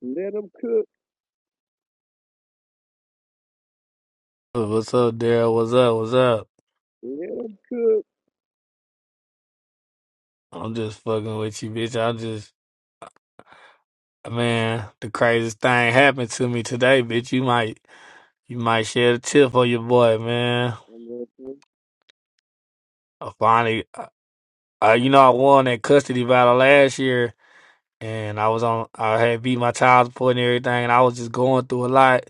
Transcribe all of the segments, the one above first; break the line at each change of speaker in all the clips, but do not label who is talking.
Let them cook.
What's up, Daryl? What's up? What's up?
Let them cook.
I'm just fucking with you, bitch. I just, man, the craziest thing happened to me today, bitch. You might, you might share the tip for your boy, man.
I'm listening.
I finally, uh, you know, I won that custody battle last year, and I was on, I had beat my child support and everything, and I was just going through a lot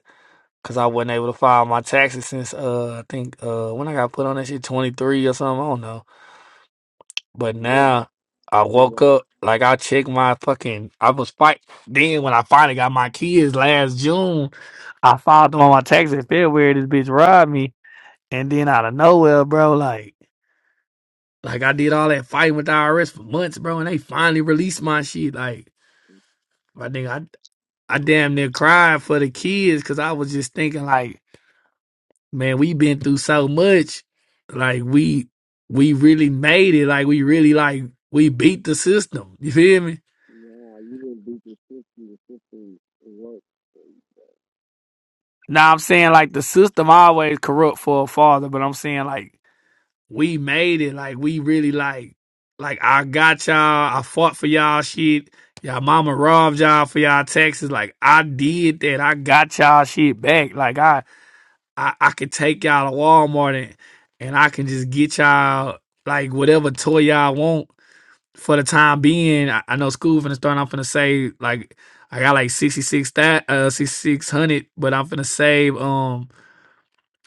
because I wasn't able to file my taxes since, uh, I think, uh, when I got put on that shit, 23 or something. I don't know. But
Yes,
now I
yeah,
woke up, like I checked my fucking. I was fight. Then when I finally got my kids last June, I filed them on my taxes in February. This bitch robbed me, and then out of nowhere, bro, like, like I did all that fighting with the IRS for months, bro, and they finally released my shit. Like, my nigga, I, I damn near cried for the kids because I was just thinking, like, man, we been through so much, like we we really made it, like we really like we beat the system. You feel me?
nah, you didn't beat the fifty to fifty. It worked.
Now I'm saying like the system always corrupt for a father, but I'm saying like we made it. Like we really like like I got y'all, I fought for y'all shit. Y'all mama robbed y'all for y'all taxes. Like I did that. I got y'all shit back. Like I I, I could take y'all to Walmart and and I can just get y'all like whatever toy y'all want for the time being. I, I know school finna start. I'm finna say like I got like sixty six that uh sixty six hundred, but I'm finna save um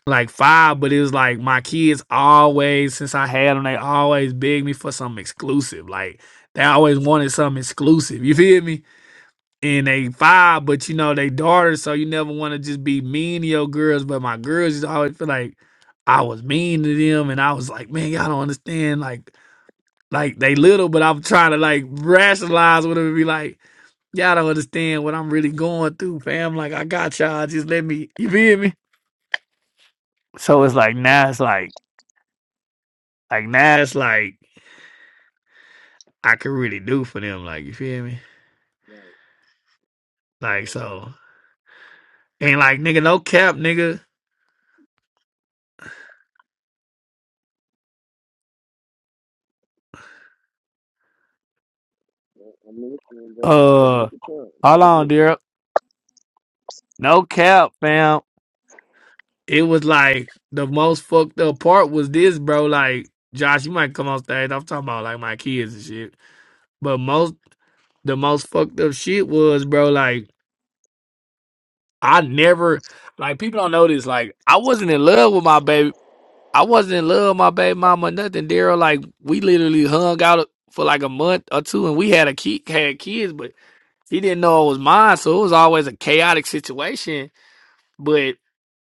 like five, but it was like my kids always, since I had them, they always begged me for something exclusive. Like they always wanted something exclusive. You feel me? And they five, but you know they daughters, so you never want to just be mean to your girls. But my girls just always feel like I was mean to them, and I was like, man, y'all don't understand. Like, like they little, but I'm trying to like rationalize with them and be like, y'all don't understand what I'm really going through, fam. Like I got y'all, just let me. You feel me?
Oh
So it's
yes,
like
you
now
said.
it's like. Like now it's like I could really do for them. Like you feel me?
Right,
Like
right.
so and like nigga, no cap, nigga.
right. I'm listening, bro. Take, take
Uh,
your time. It's
hold
all
on,
good.
dear. No cap, fam. It was like the most fucked up part was this, bro. Like Josh, you might come on stage. I'm talking about like my kids and shit. But most the most fucked up shit was, bro. Like I never like people don't know this. Like I wasn't in love with my baby. I wasn't in love with my baby mama or nothing, Daryl. Like we literally hung out for like a month or two, and we had a kid, had kids, but he didn't know it was mine, so it was always a chaotic situation. But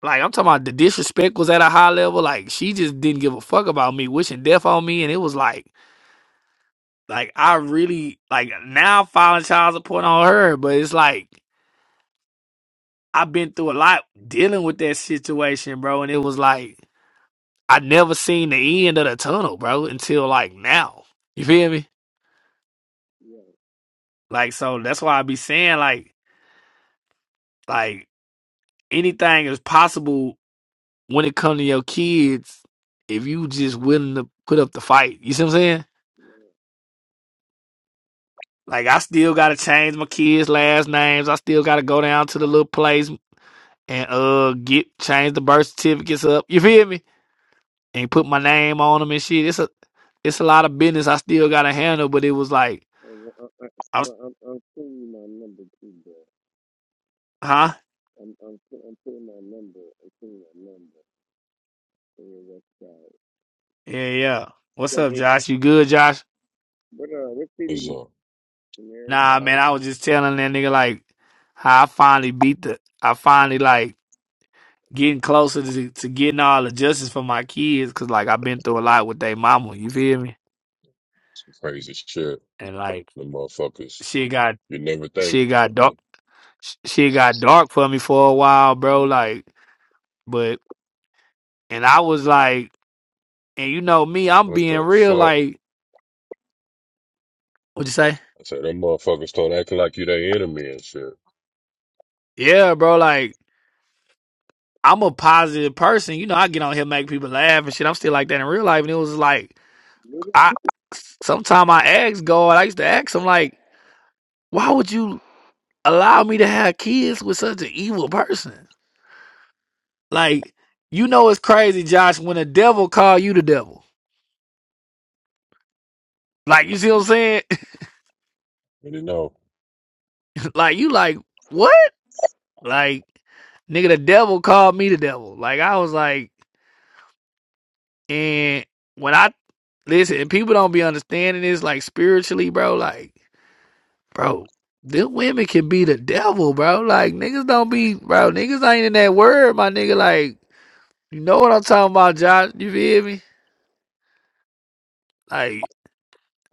like I'm talking about, the disrespect was at a high level. Like she just didn't give a fuck about me, wishing death on me, and it was like, like I really like now filing child support on her, but it's like I've been through a lot dealing with that situation, bro, and it was like. I never seen the end of the tunnel, bro, until like now. You feel me?
Yeah,
Like so that's why I be saying like like anything is possible when it comes to your kids if you just willing to put up the fight. You see what I'm saying? Like I still gotta change my kids' last names. I still gotta go down to the little place and uh get change the birth certificates up. You feel me? And put my name on them and shit. It's a it's a lot of business I still gotta handle, but it was like
yeah. And, uh, uh, uh,
I was
well, I'm, I'm sending you my number too, bro.
huh?
I'm, I'm, I'm putting my number. I'm putting my number on your website.
Yeah, yeah. What's
Yeah, I
up,
mean,
Josh? You good, Josh?
what, uh, what city
It's
you
uh,
in there?
Nah, man,
like
I was just telling that nigga like how I finally beat the I finally like getting closer to, to getting all the justice for my kids cuz like I've been through a lot with their mama, you feel me?
crazy shit.
And like
The motherfuckers,
she got
you never think,
she got dark she got dark for me for a while, bro, like but and I was like and you know me, I'm
what
being
the
real
fuck?
like what you say?
I said, them motherfuckers start acting like you their enemy and shit.
Yeah, bro, like I'm a positive person. You know, I get on here, make people laugh and shit. I'm still like that in real life. And it was like,
Little.
I, Sometimes I ask God, I used to ask him, like, why would you allow me to have kids with such an evil person?
Mm,
Like, you know, it's crazy, Josh, when the devil call you the devil. Like,
mm.
you see what I'm saying?
And you know,
like, you like, what? Like, nigga, the devil called me the devil. Like, I was like, and when I, listen, and people don't be understanding this, like, spiritually, bro, like, bro, them women can be the devil, bro. Like niggas don't be, bro. Niggas ain't in that word, my nigga. Like you know what I'm talking about, Josh? You feel me? Like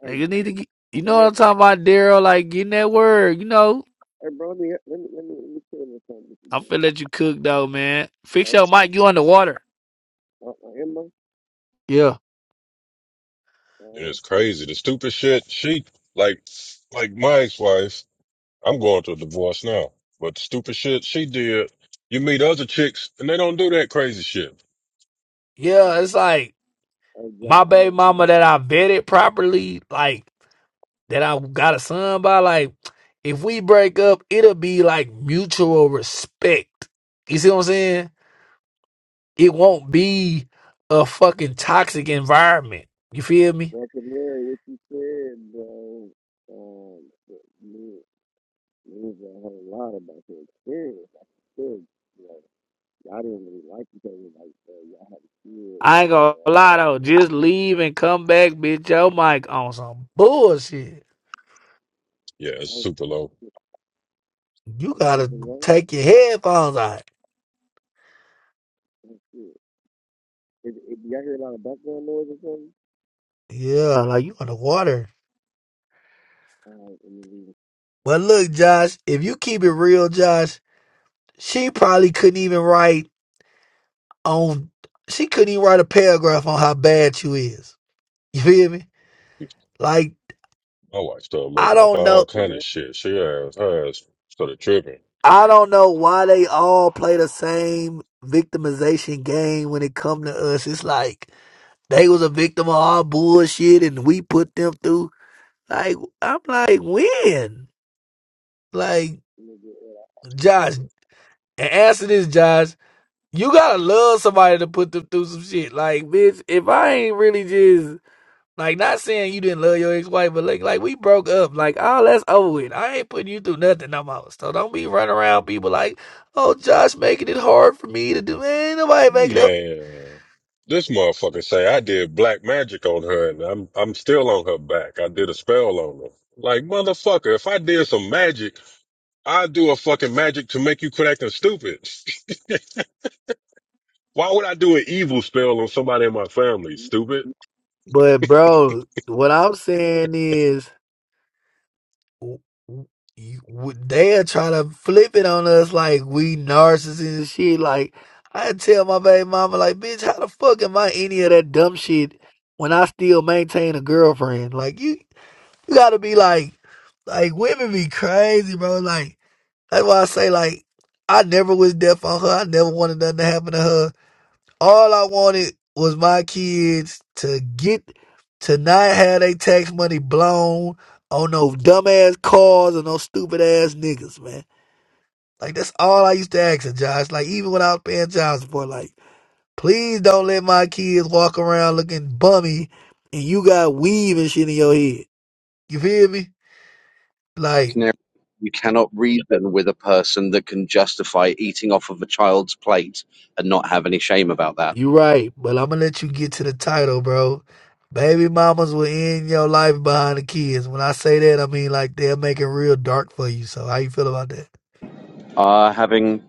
Hey,
niggas need to get. You
in
know what
there.
I'm talking about, Daryl? Like getting that word. You know,
Hey, bro, let me, let me, let me, let me tell you
I'm
something,
finna let you cook though, man. Fix
bro.
your mic. You underwater?
Uh, Emma,
Yeah,
it
uh,
is crazy. The stupid shit, she, like, like my ex-wife, I'm going through a divorce now, but the stupid shit she did, you meet other chicks and they don't do that crazy shit.
yeah. It's like
I
my baby mama that I vetted properly, like that I got a son by. Like if we break up, it'll be like mutual respect. You see what I'm saying? it won't be a fucking toxic environment. You feel me?
I can hear what you said, bro. Um, but me, me is a lot about your experience. I said, you know, y'all didn't really like each other like uh, y'all had a kid
I ain't
after
gonna
I
lie
was
though.
uh,
Just leave and come back, bitch. Your mic on some bullshit.
Yeah, it's
oh
super low.
shit,
You
it's
gotta
super long.
take your headphones out.
Oh shit. If, if y'all hear a lot of background noise or something,
Yeah, like you on the water.
uh, and then we
But look, Josh, if you keep it real, Josh, she probably couldn't even write on. She couldn't even write a paragraph on how bad you is. You feel me? Like
My wife started
I
making up
don't know.
all
can sit
kind of
back
shit. She ass, her ass started tripping.
I don't know why they all play the same victimization game when it come to us. It's like they was a victim of our bullshit and we put them through. Like I'm like when? Like
and then get it out.
Josh, a- answer this, Josh. You gotta love somebody to put them through some shit. Like bitch, if I ain't really just Like not saying you didn't love your ex wife, but like like we broke up. Like all that's over with. I ain't putting you through nothing no more. So don't be running around people like, oh Josh making it hard for me to do ain't nobody making it
Man, this motherfucker say I did black magic on her and I'm I'm still on her back. I did a spell on her. Like motherfucker, if I did some magic, I'd do a fucking magic to make you quit acting stupid. Why would I do an evil spell on somebody in my family, stupid?
But bro, what I'm saying is, w- w- you- w- they'll try to flip it on us like we narcissists and shit. Like I tell my baby mama, like, bitch, how the fuck am I any of that dumb shit when I still maintain a girlfriend? Like you. You gotta be like, like women be crazy, bro. Like that's why I say like I never was deaf on her. I never wanted nothing to happen to her. All I wanted was my kids to get to not have their tax money blown on no dumbass cars and no stupid ass niggas, man. Like that's all I used to ask her, Josh. Like even when I was paying child support, like please don't let my kids walk around looking bummy and you got weave and shit in your head. You feel me? Like
Canary, you cannot reason with a person that can justify eating off of a child's plate and not have any shame about that.
You right, but I'm gonna let you get to the title, bro. Baby mamas will end your life behind the kids. When I say that, I mean like they'll make it real dark for you. So how you feel about that,
Uh, having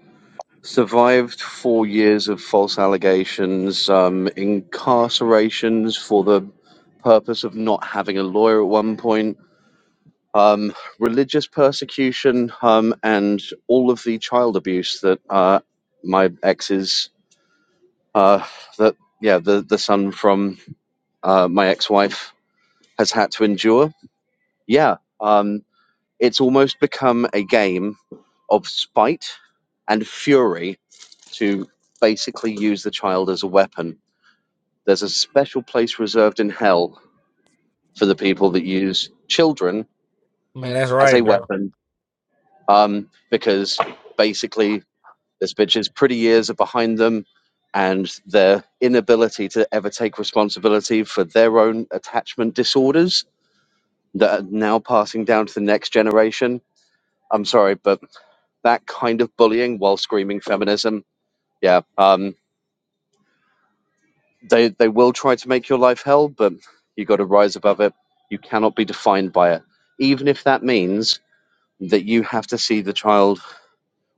survived four years of false allegations, um, incarcerations for the purpose of not having a lawyer at one point, um, religious persecution, um, and all of the child abuse that uh, my ex's, uh, that yeah, the the son from uh, my ex-wife has had to endure Yeah, um, it's almost become a game of spite and fury to basically use the child as a weapon. There's a special place reserved in hell for the people that use children
Man, that's
as a
right, bro.
weapon um, because basically this bitch's pretty years are behind them and their inability to ever take responsibility for their own attachment disorders that are now passing down to the next generation. I'm sorry, but that kind of bullying while screaming feminism, yeah, um, they they will try to make your life hell, but you got to rise above it. You cannot be defined by it, even if that means that you have to see the child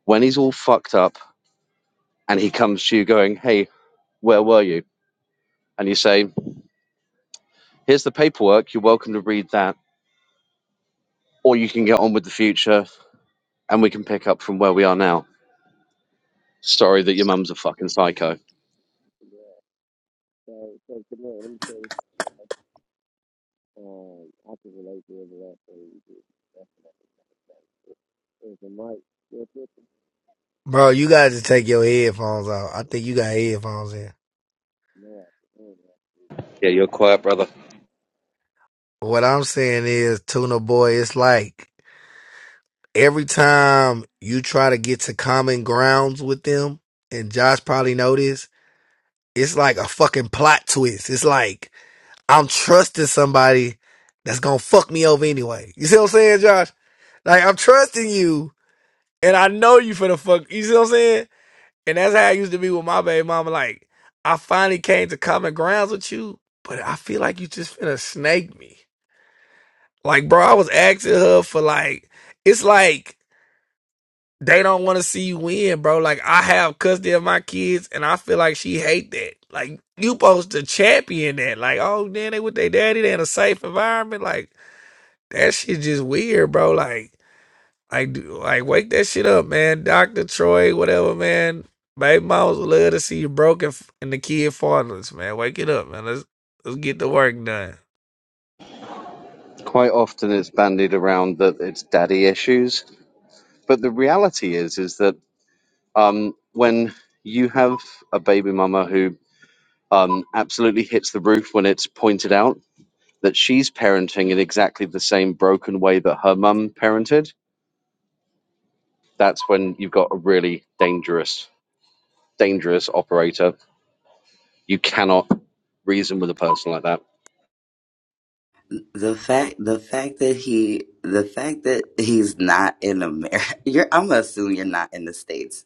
when he's all fucked up and he comes to you going, "Hey, where were you?" And you say, "Here's the paperwork. You're welcome to read that, or you can get on with the future, and we can pick up from where we are now." Sorry that your mum's a fucking psycho.
So, so, come on, let me tell you, um, I can relate to every last thing you did. Is the mic still picking?
Bro, you guys to take your headphones off. I think you got headphones in.
No, I can't.
What I'm saying is, Tuna Boy, it's like every time you try to get to common grounds with them, and Josh probably know this, it's like a fucking plot twist. It's like I'm trusting somebody that's gonna fuck me over anyway. You see what I'm saying, Josh? Like I'm trusting you, and I know you for the fuck. You see what I'm saying? And that's how I used to be with my baby mama. Like I finally came to common grounds with you, but I feel like you just finna snake me. Like, bro, I was asking her for like, it's like they don't want to see you win, bro. Like I have custody of my kids, and I feel like she hate that. Like you supposed to champion that. Like, oh, then they with their daddy, they in a safe environment, like. that shit just weird, bro. Like, like wake man, baby mamas would love to see you. Man, get up, man. Let's, let's go.
Quite often, it's bandied around that it's daddy issues but the reality is is that um, when you have a baby mama who um, absolutely hits the roof when it's pointed out that she's parenting in exactly the same broken way that her mum parented, that's when you've got a really dangerous, dangerous operator. You cannot reason with a person like that.
The fact, the fact that he, the fact that he's not in America, you're, I'm gonna assume you're not in the States.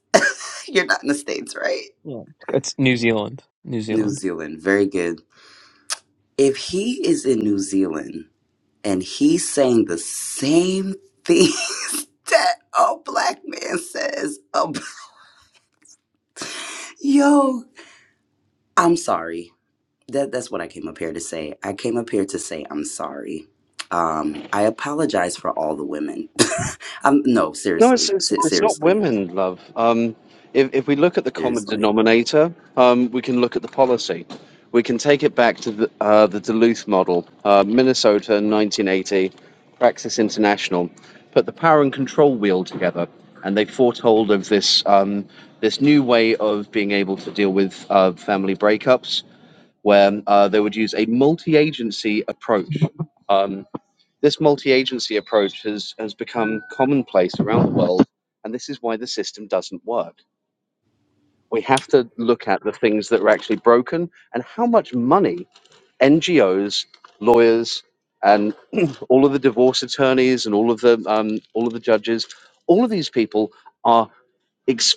you're not in the States, right?
Yeah. It's New Zealand. New
New
Zealand.
Zealand, very good. If he is in New Zealand and he's saying the same things that a black man says, a b- yo, I'm sorry. That that's what I came up here to say. I came up here to say I'm sorry. Um, I apologize for all the women. Um, no,
No, it's,
seriously,
it's
se-
it's not
seriously.
women, love. Um, if if we look at the common
Seriously.
denominator, um, we can look at the policy. We can take it back to the uh, the Duluth model, uh, Minnesota, 1980, Praxis International, put the power and control wheel together, and they foretold of this um, this new way of being able to deal with uh, family breakups, where uh, they would use a multi-agency approach. Um, this multi-agency approach has, has become commonplace around the world, and this is why the system doesn't work. We have to look at the things that are actually broken and how much money NGOs, lawyers, and all of the divorce attorneys and all of the um, all of the judges, all of these people are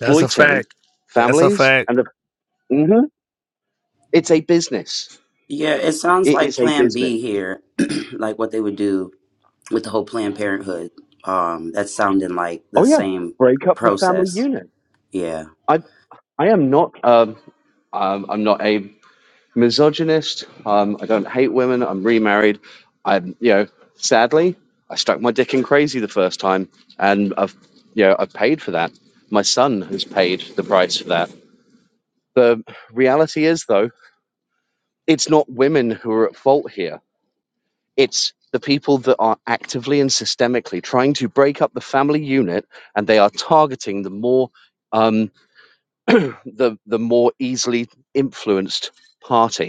That's a fact. That's a
families
fact.
and the, Mhm. it's a business.
Yeah, it sounds
It
like
is a
Plan
business.
B here, like what they would do with the whole Planned Parenthood. Um, that's sounding like the
Oh yeah,
same
break up the family
process.
unit.
Yeah.
I I am not um, um I'm not a misogynist. Um, I don't hate women. I'm remarried. I'm, you know, sadly, I stuck my dick in crazy the first time, and I've, you know, I've paid for that. My son has paid the price for that. The reality is, though, it's not women who are at fault here. It's the people that are actively and systemically trying to break up the family unit, and they are targeting the more, um, the the more easily influenced party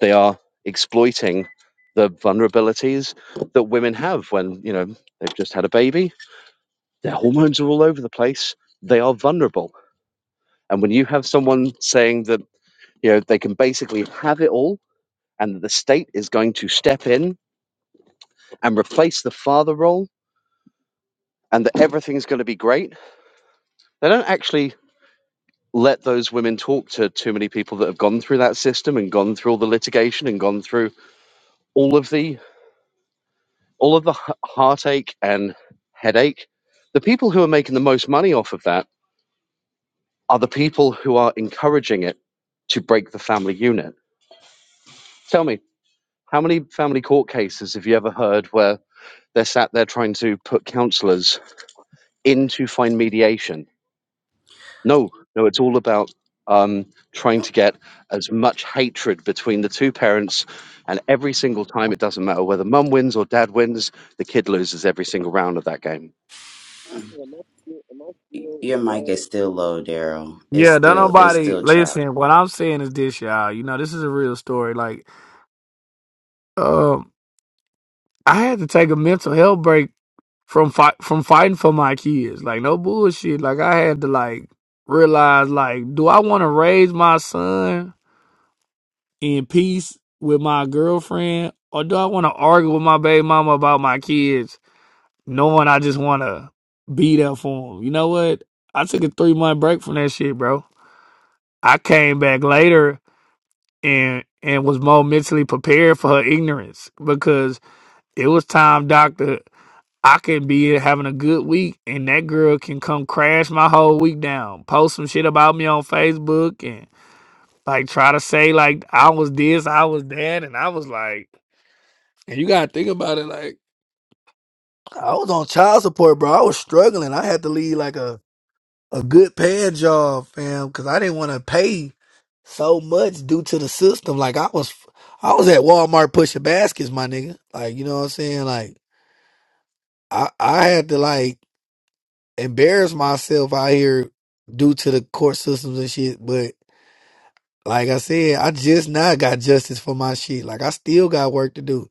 They are exploiting the vulnerabilities that women have when, you know, they've just had a baby, their hormones are all over the place, they are vulnerable. And when you have someone saying that, you know, they can basically have it all and the state is going to step in and replace the father role and that everything's going to be great, they don't actually let those women talk to too many people that have gone through that system and gone through all the litigation and gone through all of the all of the h- heartache and headache, the people who are making the most money off of that are the people who are encouraging it to break the family unit. Tell me, how many family court cases have you ever heard where they're sat there trying to put counselors in to find mediation? No, no, it's all about um, trying to get as much hatred between the two parents. And every single time, it doesn't matter whether mum wins or dad wins, the kid loses every single round of that game.
Hey, Am I still, am I
Y-
still
Your mic
bad?
is still low, Daryl. It's
Yeah, don't
still it's
nobody
still choppy.
listen. What I'm saying is this, y'all. You know, this is a real story. Like, um, I had to take a mental health break from fight from fighting for my kids. Like, no bullshit. Like, I had to like realize, like, do I want to raise my son in peace with my girlfriend, or do I want to argue with my baby mama about my kids? knowing I just want to be there for him. You know what? I took a three month break from that shit, bro. I came back later and and was more mentally prepared for her ignorance because it was time, doctor. I can be having a good week, and that girl can come crash my whole week down. Post some shit about me on Facebook and like try to say like I was this, I was that, and I was like, and you gotta think about it like I was on child support, bro. I was struggling. I had to leave like a a good paying job, fam, because I didn't want to pay so much due to the system. Like I was, I was at Walmart pushing baskets, my nigga. Like you know what I'm saying? Like I, I had to like embarrass myself out here due to the court systems and shit. But like I said, I just now got justice for my shit. Like I still got work to do.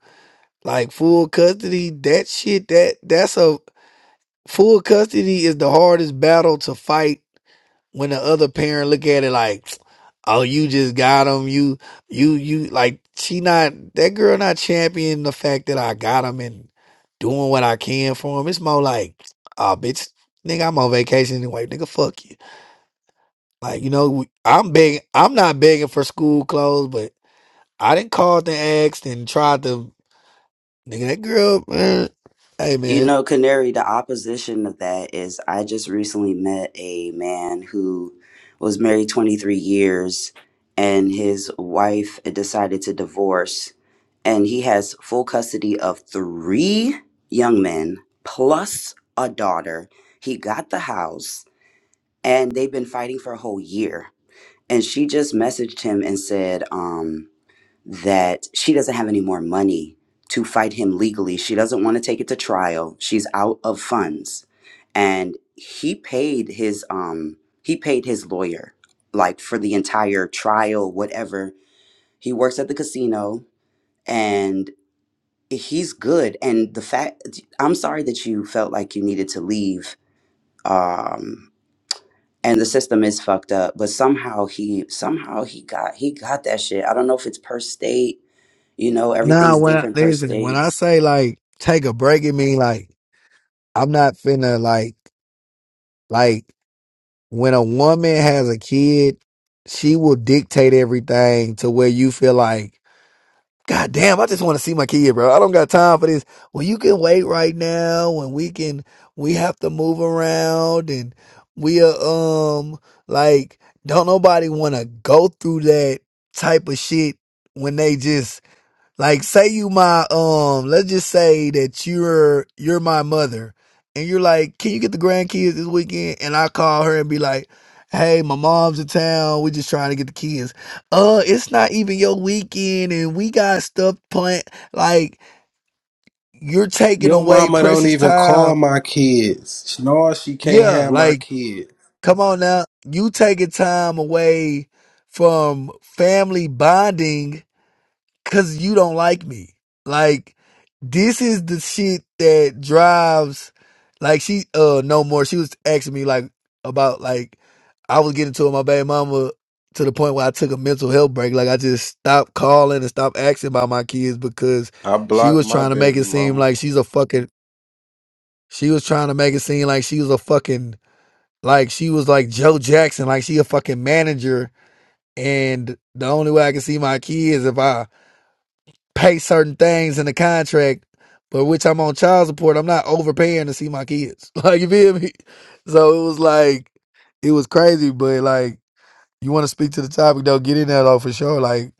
Like full custody, that shit, that that's a full custody is the hardest battle to fight when the other parent look at it like, oh, you just got him. You, you, you like she not that girl not championing the fact that I got him and doing what I can for him. It's more like, oh, bitch, nigga, I'm on vacation anyway. Nigga, fuck you. Like you know, we- I'm begging. I'm not begging for school clothes, but I didn't call the asked and tried to. Nigga, that girl, man. Hey,
You
man.
know, Canary, the opposition of that is I just recently met a man who was married 23 years and his wife decided to divorce. And he has full custody of three young men plus a daughter. He got the house and they've been fighting for a whole year. And she just messaged him and said, um, that she doesn't have any more money to fight him legally. She doesn't want to take it to trial. She's out of funds. And he paid his um he paid his lawyer like for the entire trial whatever. He works at the casino and he's good and the fact I'm sorry that you felt like you needed to leave um and the system is fucked up but somehow he somehow he got he got that shit. I don't know if it's per state you know,
Nah,
everything's
when I,
different per
listen, when
state.
I say like take a break, it mean like I'm not finna like like. when a woman has a kid, she will dictate everything to where you feel like, God damn, I just want to see my kid, bro. I don't got time for this. Well, you can wait right now and we can, we have to move around and we are, um, like, don't nobody want to go through that type of shit when they just like say you my um let's just say that you're you're my mother and you're like, Can you get the grandkids this weekend? And I call her and be like, Hey, my mom's in town, we just trying to get the kids. Uh, it's not even your weekend and we got stuff planned like you're taking
Your
away
mama don't
precious
even call
time.
my kids. No, she can't
Yeah,
have my
like
kid.
come on now. You taking time away from family bonding cause you don't like me. Like this is the shit that drives like she uh no more. She was asking me like about like I was getting to my baby mama to the point where I took a mental health break. Like I just stopped calling and stopped asking about my kids because
I
she
blocked
was
my
trying to make
baby
it seem
mama.
like she's a fucking she was trying to make it seem like she was a fucking like she was like Joe Jackson, like she a fucking manager and the only way I can see my kids if I pay certain things in the contract, but which I'm on child support, I'm not overpaying to see my kids. Like you feel me? So it was like it was crazy, but like you want to speak to the topic though, get in there though for sure. Like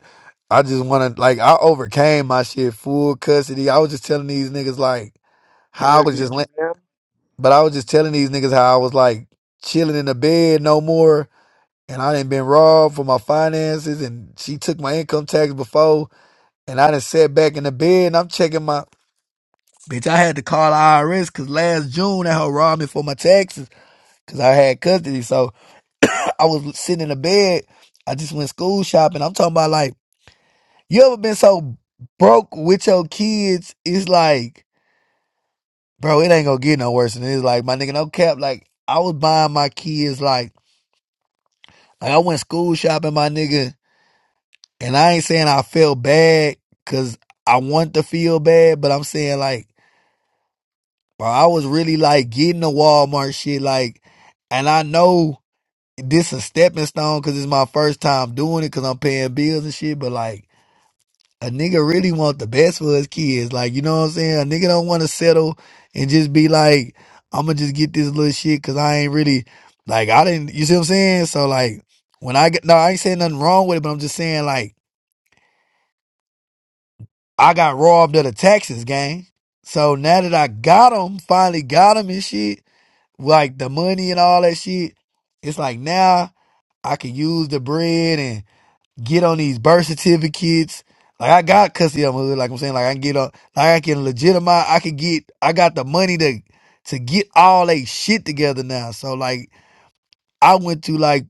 I just want to like I overcame my shit full custody. I was just telling these niggas like how I
can
was
you,
just, la- but I was just telling these niggas how I was like chilling in the bed no more, and I didn't been robbed for my finances, and she took my income tax before, and I done sat back in the bed, and I'm checking my Bitch, I had to call the IRS because last June that hoe robbed me for my taxes because I had custody. So I was sitting in the bed. I just went school shopping. I'm talking about like, you ever been so broke with your kids? It's like, bro, it ain't gonna get no worse than this. Like, my nigga, no cap. Like, I was buying my kids like, like I went school shopping, my nigga, and I ain't saying I felt bad because I want to feel bad, but I'm saying like. Bro, I was really like getting the Walmart shit, like, and I know this a stepping stone because it's my first time doing it because I'm paying bills and shit. But like, a nigga really want the best for his kids, like, you know what I'm saying? A nigga don't want to settle and just be like, I'm gonna just get this little shit because I ain't really like I didn't. You see what I'm saying? So like, when I get no, I ain't saying nothing wrong with it, but I'm just saying like I got robbed of the taxes, gang. So now that I got them, finally got them and shit. like the money and all that shit. It's like now I can use the bread and get on these birth certificates. Like I got custody of my hood, like I'm saying, like I can get on like I can legitimize I can get I got the money to to get all that shit together now. So like I went through like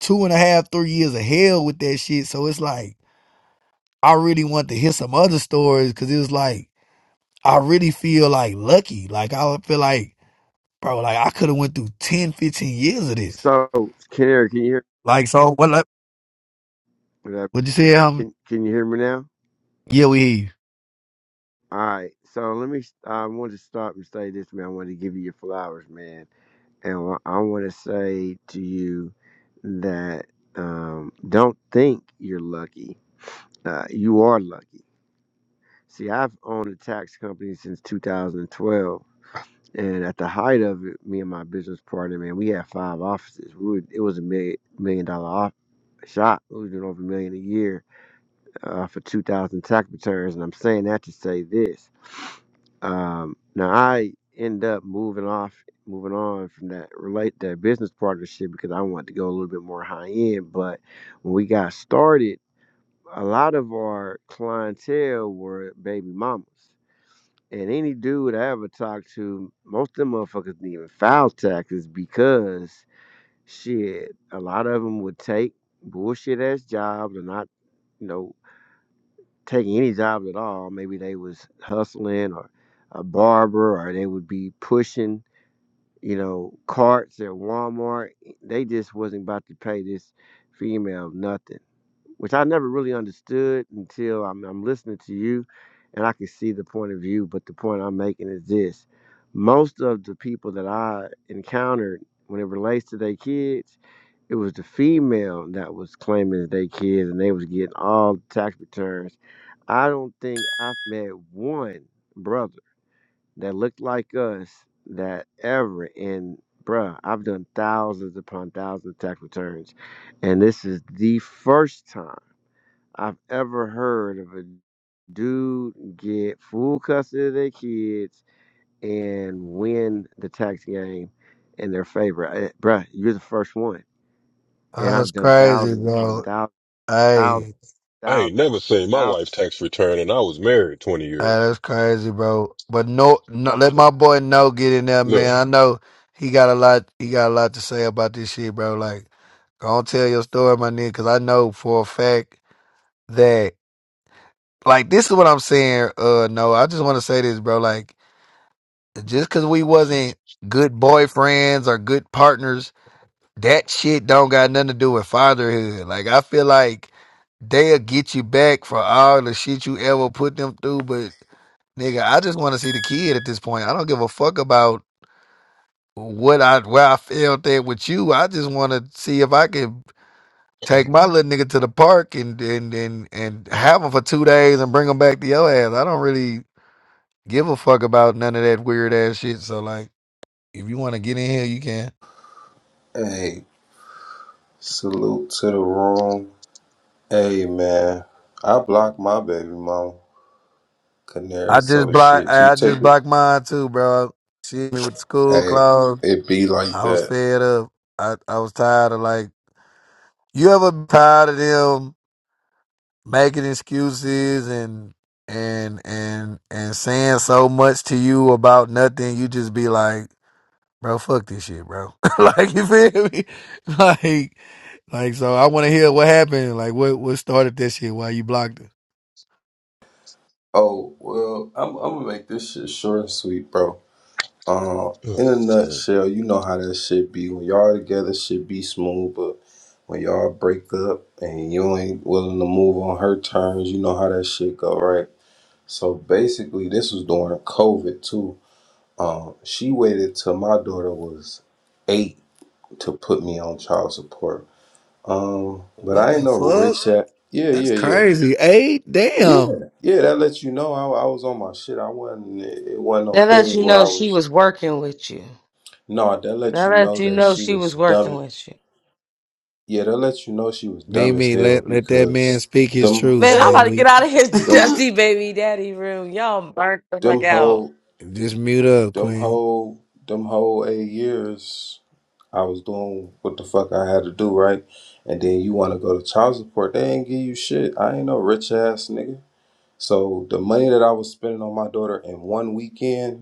two and a half, three years of hell with that shit. So it's like I really want to hear some other stories because it was like I really feel like lucky. Like I feel like, bro, like I could have went through 10, 15 years of this
so Canary, can you
Like so, what? Like,
hear?
What you say, Alvin?
Can, can you hear me now?
Yeah, we hear you.
All right. So let me. I want to stop and say this, man. I want to give you your flowers, man, and wha- I want to say to you that um, don't think you're lucky. Uh, you are lucky. See, I've owned a tax company since 2012, And at the height of it, me and my business partner, man, we had five offices. We were, it was a million million dollar off, shop. We was doing over a million a year uh, for two thousand tax returns. And I'm saying that to say this. Um, now I end up moving off, moving on from that relate that business partnership because I wanted to go a little bit more high end. But when we got started, a lot of our clientele were baby mamas and any dude I ever talked to, most of them motherfuckers didn't even file taxes because shit, a lot of them would take bullshit ass jobs or not, you know, taking any jobs at all. Maybe they was hustling or a barber or they would be pushing, you know, carts at Walmart. They just wasn't about to pay this female nothing which I never really understood until I'm, I'm listening to you and I can see the point of view. But the point I'm making is this most of the people that I encountered when it relates to their kids, it was the female that was claiming their kids and they was getting all the tax returns. I don't think I've met one brother that looked like us that ever and bruh, I've done thousands upon thousands of tax returns. And this is the first time. I've ever heard of a dude get full custody of their kids and win the tax game in their favor. Eh, Bruh, you're the first one. And
That's
I've done
crazy,
thousands upon
bro.
thousands, thousands,
Hey, hey,
I
thousands,
ain't never seen my
thousands
wife's tax return and I was married 20 years.
that's crazy, bro. But no, no,
of
let my
stuff.
boy No get in there, man.
Look,
I know he got a lot. He got a lot to say about this shit, bro. Like, go on, tell your story, my nigga, because I know for a fact that, like, this is what I'm saying. Uh, no, I just want to say this, bro. Like, just because we wasn't good boyfriends or good partners that shit don't got nothing to do with fatherhood. Like I feel like they'll get you back for all the shit you ever put them through, but nigga, I just want to see the kid at this point. I don't give a fuck about what I where I felt at with you. I just want to see if I can take my little nigga to the park and and and and have him for two days and bring him back to your ass. I don't really give a fuck about none of that weird ass shit. So like, if you want to get in here, you can.
Hey, salute to the room. Hey man, I blocked my baby mama. Canary,
I just
so
blocked.
shit. You
I I
take
just
it.
blocked mine too, bro. She hit me with school
Hey,
clothes.
it be like
I was
that.
fed up. I I was tired of like. You ever been tired of them making excuses and and and and saying so much to you about nothing? You just be like, bro, fuck this shit, bro. like you feel me? Like like so. I want to hear what happened. Like what what started this shit? Why you blocked her?
Oh well, I'm, I'm gonna make this shit short and sweet, bro. Uh,
ugh,
in a
man,
nutshell, you know how that shit be. When y'all together, shit be smooth, but when y'all break up and you ain't willing to move on her terms, you know how that shit go, right? So basically, this was during COVID too. Um, she waited till my daughter was eight to put me on child support. Um, but
What
I ain't
the
no
fuck?
rich at. Yeah,
That's
yeah, yeah.
crazy. Hey, damn.
Yeah, yeah, that lets you know I, I was on my shit. I wasn't, it wasn't no
That
thing
lets you
where
know
I
she
was
was working with you.
No, they let
That
you
lets
know
you
that
know
she
she
was
was working
dumb.
with you.
Yeah, they let you know she was dumb as
Mimi,
hell
let let that man
because
speak his
them
truth,
Man, I'm about
man.
to get
We
out of his
them
dusty baby daddy room. Y'all burnt the fuck
them
out.
whole
just mute up,
them
Queen.
whole them whole eight years I was doing what the fuck I had to do, right? And then you wanna go to child support, they ain't give you shit. I ain't no rich ass nigga. So the money that I was spending on my daughter in one weekend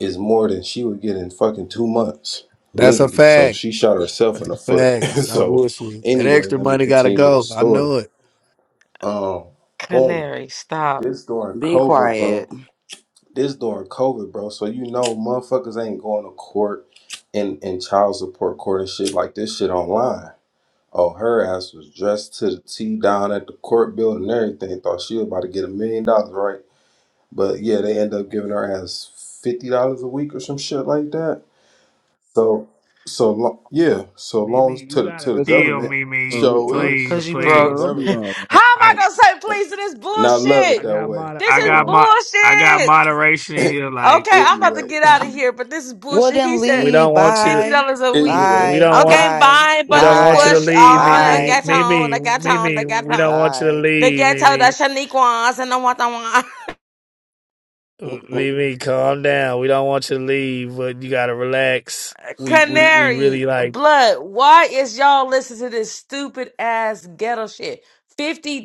is more than she would get in fucking two months,
That's a
literally. So
fact.
she shot herself in the
A
foot.
fact. No
so
bullshit. That
anyway,
extra
let me
money gotta
continue with the
go. I
story.
know it.
Um, boom.
Canary, stop.
This during
Be
COVID, bro.
quiet.
This during COVID, bro. So you know, motherfuckers ain't going to court and and child support court and shit like this shit online. Oh, her ass was dressed to the T down at the court building and everything. Thought she was about to get a million dollars, right? But yeah, they end up giving her ass fifty dollars a week or some shit like that So so lo- yeah, so long
Mimi,
as
you
to the
gotta
to the
Let's say,
chill,
uh,
government
Mimi.
show
well,
is
no,
Please,
Cause you
no,
to
no, no,
the
no,
broke.
please.
don't do
How am
government
all that.
I
I
and
gonna say
and
please to this
and I love it
I
bullshit?
that
got
way.
mod
This
I
is
got
Um
my I got
bullshit.
moderation in here. Like
Okay, I'm about to
anyway,
get out of here, but this is
Well,
bullshit. He
then
we
said
don't
leave.
want you
fifty
Bye.
dollars a
we,
week.
anyway,
we
Bye.
don't want
Okay,
Bye.
bye,
we don't want you to
Banuqua.
Bye.
Oh,
leave,
I
Mimi.
Bye.
got on,
Mimi,
I got on, I
Mimi,
got
we don't
on.
want you to
Bye.
The
leave,
ghetto, the
Mimi.
Shaniquas, and the Watawan.
Mimi, calm down. We don't want you to leave, but you gotta relax. We we we
Canary,
really like
blood, why is y'all listening to this stupid ass ghetto shit? $50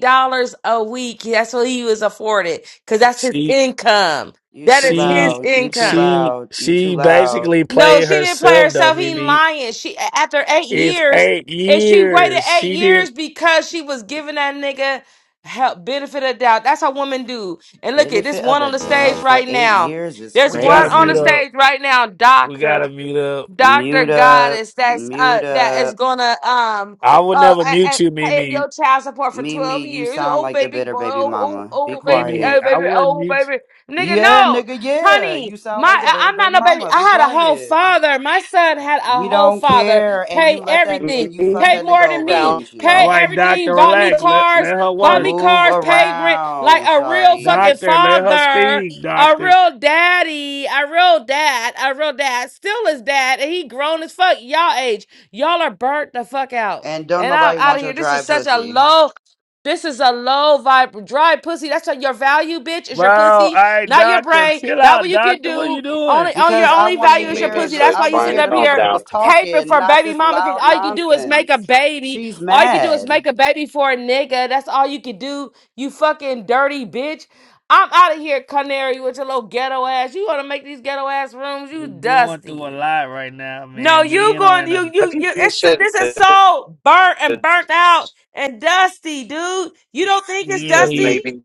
a week. That's what he was afforded because that's his
she
income.
You
That
too
is his
she
loud. You too
income.
she
loud. You too
she
loud.
basically
No,
played
she didn't play
herself though,
herself. He
Mimi.
lying. She after eight
It's
years,
eight
and she waited
years.
eight
She didn't
years because she was giving that nigga help benefit of doubt. That's how women do. And look at this
Benefit of
one on
the
the stage
doubt for
right
eight
now.
years is
There's
we
one
gotta
on the
mute
crazy.
up.
stage right now,
We gotta
doctor.
mute up.
Dr.
Mute up.
Goddess that's uh
Mute
that is
up.
gonna um
I would
uh
never
a- a-
mute you,
pay
Mimi.
your child support for 12
Mimi, you
years.
sound
Oh
like the
baby
bitter
boy,
baby
oh, oh
mama. Be
oh baby,
Mimi,
oh
quiet.
I
baby,
wouldn't
oh
mute
baby. Nigga,
Yeah,
no,
nigga, yeah.
honey,
You sound
my
like the
I-
bitter
I'm not
baby
no baby.
mama.
I
Be
had a whole
quiet.
father. My son had a
We
whole
don't
father.
care. And
Pay
you let that
everything.
and you fucked
Pay
that nigga
more than
over,
Down.
me.
didn't
you. All
Pay
you?
right,
everything.
doctor,
Bought me
relax. Let let
cars,
her
bought
work.
me
Move
cars, paid rent like
around,
a real fucking
Shawty.
Doctor, let her
father.
speak,
A
doctor.
real daddy, a real dad, a real dad, still is dad, and he grown as fuck. Y'all age, y'all are burnt the fuck out,
And don't
and I'm
nobody
out
want
of here.
your
This
dry
is such a
pussy.
low. This is a low vibe, dry pussy. That's what your value, bitch. Is
Bro,
your
all
pussy,
right,
not your
doctor,
brain,
chill
not what
out,
you can
doctor. What are you
do.
doing?
Only, on your
Because I
only
wanna
value
person,
is your
hear
Mimi.
pussy.
the-
So
That's
I
why you
wanna
try
sitting
hear
and
up
the
calm
people
here
that
down.
was
caping
talking,
for
not
baby
this
mama because
loud
all you can do is make a
nonsense.
baby.
She's
All you can do is make
mad.
a baby for a nigga. That's all you can do. You fucking dirty bitch. I'm out of here, Canary, with your little ghetto ass. You want to make these ghetto ass rooms? You
We going through a
dusty.
lot right now,
No,
man. Me
you
and are
going
in a
you
Have
you
you
you. It's
considered
this is
that
so burnt and burnt out and dusty, dude. You don't think it's
me and
dusty?
these
maybe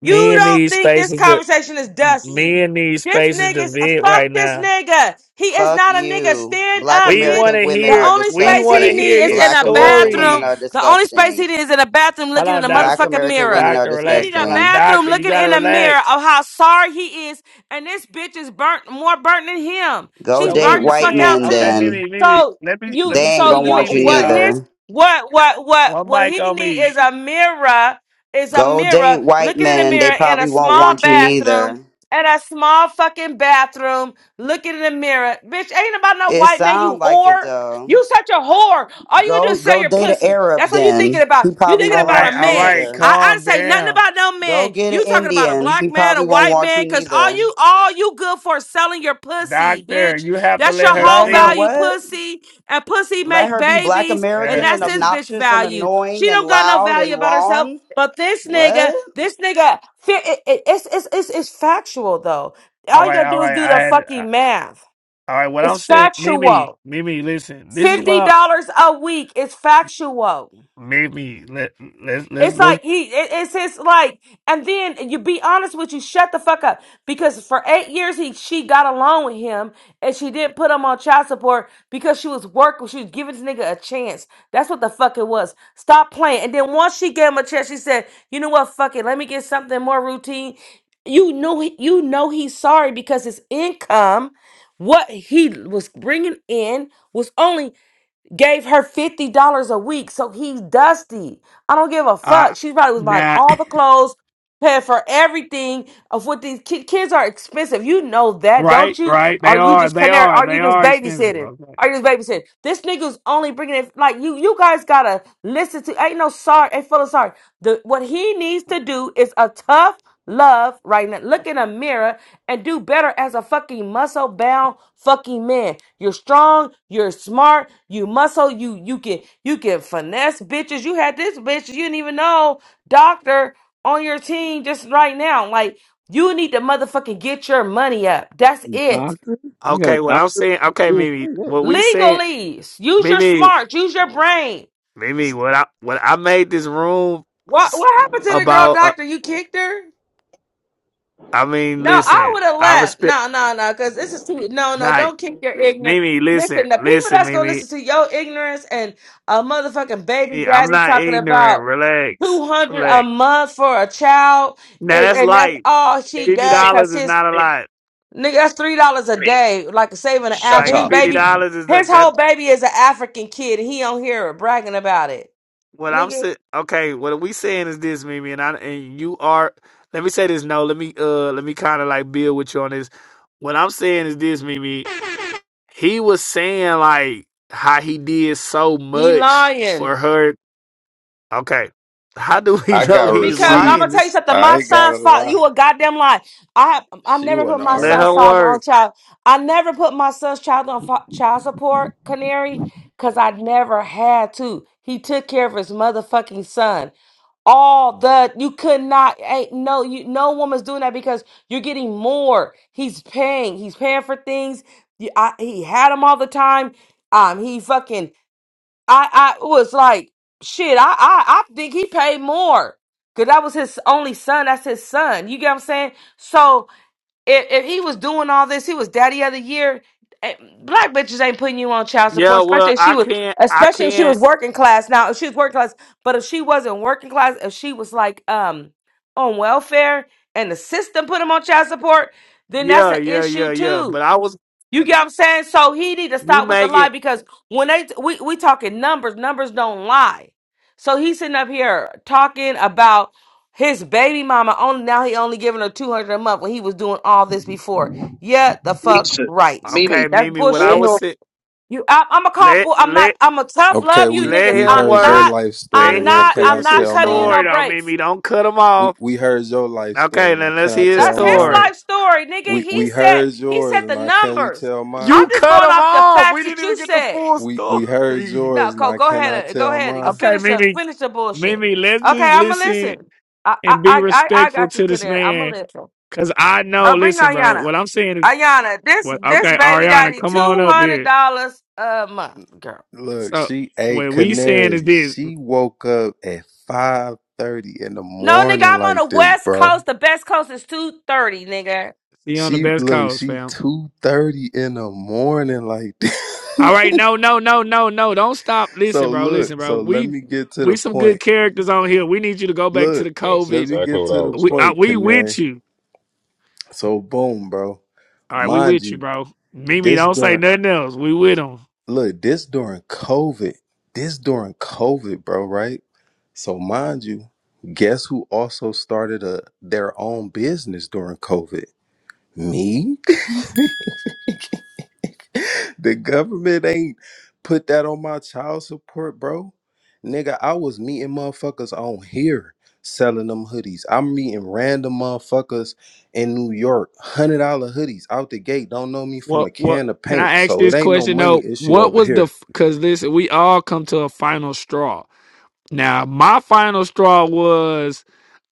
You
me and
don't
these
think this
spaces to
conversation is dusty.
me and these
This
spaces to
nigga's a
vent
fuck
right
this
now.
nigga. He is
Fuck
not a nigga.
you.
Stand
Black
up,
We
bitch.
want
American
to
The
women are
hear
only
we
space
want
he
to
disgusting.
need
hear
is
his
in
Black
a
American women
bathroom.
are
story.
The only space he
disgusting.
need is in a bathroom
Hold
looking in
on,
a
Black
doctor.
motherfucking
American
mirror.
women are
Doctor,
He need
relax.
a
Relax.
disgusting.
bathroom
Doctor, you
looking
gotta
in a mirror
relax.
of how sorry he is. And this bitch is burnt more burnt than him.
Go
She's
So what
date
are
burnt
you
the
white
fuck
saying?
out
men
Okay,
too.
then.
Mimi, Mimi,
So
let me let
you
They
me
ain't
so
speak
gonna
to
you
want you
Mimi,
what
y'all.
his
neither.
what what what
One
what
mic
he
on
need
me.
is a mirror is a
Go date
mirror
white
looking in the
men. They
mirror in a
probably won't
small
want you
bathroom.
neither.
In a small fucking bathroom, looking in the mirror. Bitch, ain't about no
It
white man, you
sounds like it
whore.
though.
You such a whore. All you gonna do
Go
is sell
go
your
date an
pussy.
Arab
That's what you thinking
then. He
about. You
probably
thinking
All
won't
right,
about a
want you
all
man.
right,
neither.
I, I
calm
say nothing
down.
about no
Go
man.
get an
You talking about a
Indian.
black
He
man, a
probably won't
white
want
man,
you
cause all
neither.
you all you good for is selling your pussy,
Doctor,
bitch.
you have to
That's
let
your
her
whole
Let her
speak.
value,
what?
pussy. And pussy
Let
make
her be black
babies,
Let
and
her
American
that's
and
speak.
this bitch
obnoxious and
value. She
annoying and
don't got no
loud
value
and
about herself.
wrong?
But this
What?
nigga, this nigga, fe- it, it, it's, it's, it's, it's factual though.
All
All you
right,
gotta
all
do is
right.
do
I
the
had uh,
fucking math.
all right. What I'm
It's
saying, Mimi,
factual.
Mimi, listen. This is
$50
what
a week is factual.
I, Mimi. Let let let
It's
let.
like he, it- it's his like, and then you be honest with you, shut the fuck up. Because for eight years he, she got along with him, and she didn't put him on child support because she was working. She was giving this nigga a chance. That's what the fuck it was. Stop playing. And then once she gave him a chance, she said, "You know what? Fuck it. Let me get something more routine." You know, he- you know he's sorry because his income, what he was bringing in, was only gave her $50 a week. So he's dusty. I don't give a
Uh,
fuck. She probably was buying
nah,
all the clothes, paying for everything of what these ki- kids are expensive. You know that, don't
right,
you?
right. They
Are you
are,
just
they
canary?
are,
Are
they
you just
are expensive.
babysitting?
Okay,
Are you just babysitting? This nigga's only bringing it like you. You guys gotta listen to. Ain't no sorry. Ain't full of sorry. The what he needs to do is a tough love right now. Look in a mirror and do better as a fucking muscle bound fucking man. You're strong, you're smart, you muscle, you you can you can finesse bitches. You had this bitch you didn't even know doctor on your team just right now. Like you need to motherfucking get your money up. That's it.
Doctor? You got a
okay. What I'm
doctor?
saying, okay,
You didn't
Mimi.
say that.
What we saying,
Legalese. Use your
Mimi,
smarts. Use your brain.
Mimi. What I what I made this room
What
s-
what happened to the girl
about. Uh,
doctor? You kicked her?
I mean,
No, I
listen.
would have
I
left.
respect.
No, no, no, because this is too. No, no,
Not
don't kick your ignorance.
Mimi. Listen,
Listen, the people
listen,
that's gonna
Mimi.
listen to your ignorance and a motherfucking baby
I'm
daddy
not
talking
ignorant.
about
Relax,
two hundred a
relax.
month for a child,
Now
and,
that's
and that's
light.
all she
fifty
got.
Mimi,
dollars
Cause
is
his
not a lot.
nigga, that's three dollars a
Mimi,
day, like saving an
shut
African.
Like
His
up,
fifty
baby,
dollars is
his
that that
whole baby is an African kid, and he don't hear her bragging about it.
what I'm
Nigga,
saying. Okay, what we saying is this, Mimi, and I and you are. Let me say this. No, let me uh let me kind of like build with you on this. What I'm saying is this, Mimi. He was saying like how he did so
he
much
lying.
for her. Okay, how do we
I got
know he's
Because I'm gonna
lying?
tell you
receipts.
This
something,
I
my
ain't gotta
son's father,
lie.
you a goddamn lie. I I
She
never put
wanna
my
let
son's
her
argue.
father on
work.
child. I never put my son's child on fa- child support, Canary, because I never had to. He took care of his motherfucking son. All the you could not ain't no you no woman's doing that because you're getting more. He's paying. He's paying for things. You, I, he had him all the time. Um, he fucking I I was like, shit, I I I think he paid more. Cause that was his only son. That's his son. You get what I'm saying? So if, if he was doing all this, he was daddy of the year. eh, Black bitches ain't putting you on child support,
Yeah, well,
especially if she
I
was,
can't. I
especially if she
can't.
was working class. Now, if she was working class, but if she wasn't working class, if she was like um on welfare and the system put him on child support, then that's
Yeah,
an
yeah, yeah,
issue
yeah.
too.
But I was
You get what I'm saying? So he need to
you
stop with the lie
making
because when they we we talking numbers, numbers don't lie. So he's sitting up here talking about his baby mama only now he only giving her 200 a month when he was doing all this before. Yeah, the fuck
Jesus,
right.
Mimi?
okay,
That's
Mimi. What I
We're not.
bullshit.
was saying.
You I, I'm a call
Let
bull. I'm not
let
I'm a tough
Okay,
love you
we
let
niggas.
we
him
I'm
heard your
work.
not
life story.
I'm
Let
Now
him
not
can
I'm
I
finish
not
his
tell
cutting you
mine?
no
story. Don't mean
breaks.
me. Don't cut him
We
off.
we heard your life story.
Okay,
Now
then
can
let's
I
hear his
That's
tell
his
mine?
story.
life story, nigga.
We
He
we
said
heard
he said
yours.
the
Now can we
numbers.
tell
I'm
You
mine?
just
cut
going
him
off the
off.
facts
We
that
didn't
you
even get the
said.
full
we we heard
story.
No,
yours, now.
go
Can I
go ahead. uh, Go
tell
ahead. You can
mine.
Okay,
finish up.
Mimi,
Finish the bullshit.
Mimi, let's
Okay,
just
I'ma
listen
listen. I I
and be
I I I
respectful
got you,
to this
Canary. I'ma
man.
listen.
Cause I know,
Oh, bring
listen, bro,
Ayana.
what I'm saying is
Ayana, this
what
this
okay,
baby
Ariana,
daddy
come on
two
up
hundred
here.
dollars a month, girl.
Look,
So
she a
what we saying is
canary.
this.
She woke up at five thirty in the
No, nigga,
morning
I'm on the
like this,
west
bro.
coast. The best coast is two thirty, nigga.
See you on the
She
best
look,
cause,
she
fam.
two thirty in the morning like
All
this.
right, no, no, no, no, no. Don't stop. Listen,
so
bro.
look,
Listen, bro.
so let
We
me get to the
we some
point.
good characters on here. We need you to go back to
Look,
the
that's
let
COVID.
me
exactly
get
what
to
I
the
was
We I,
point,
thinking.
we with
canary.
you.
So boom, bro.
All right, we
Mind
with you,
you,
bro. Mimi,
this
don't say
door.
nothing else. We with them.
Look, this during COVID. This during COVID, bro, right? So mind you, guess who also started a their own business during COVID? Me? the government ain't put that on my child support, bro. Nigga, I was meeting motherfuckers on here selling them hoodies. I'm meeting random motherfuckers in New York, one hundred dollar hoodies out the gate. Don't know me from
What
a
what?
can of
Can
paint,
I ask
so it
this
ain't no
question
money
though?
issue
What
over
was the?
here.
Because listen, we all come to a final straw. Now, my final straw was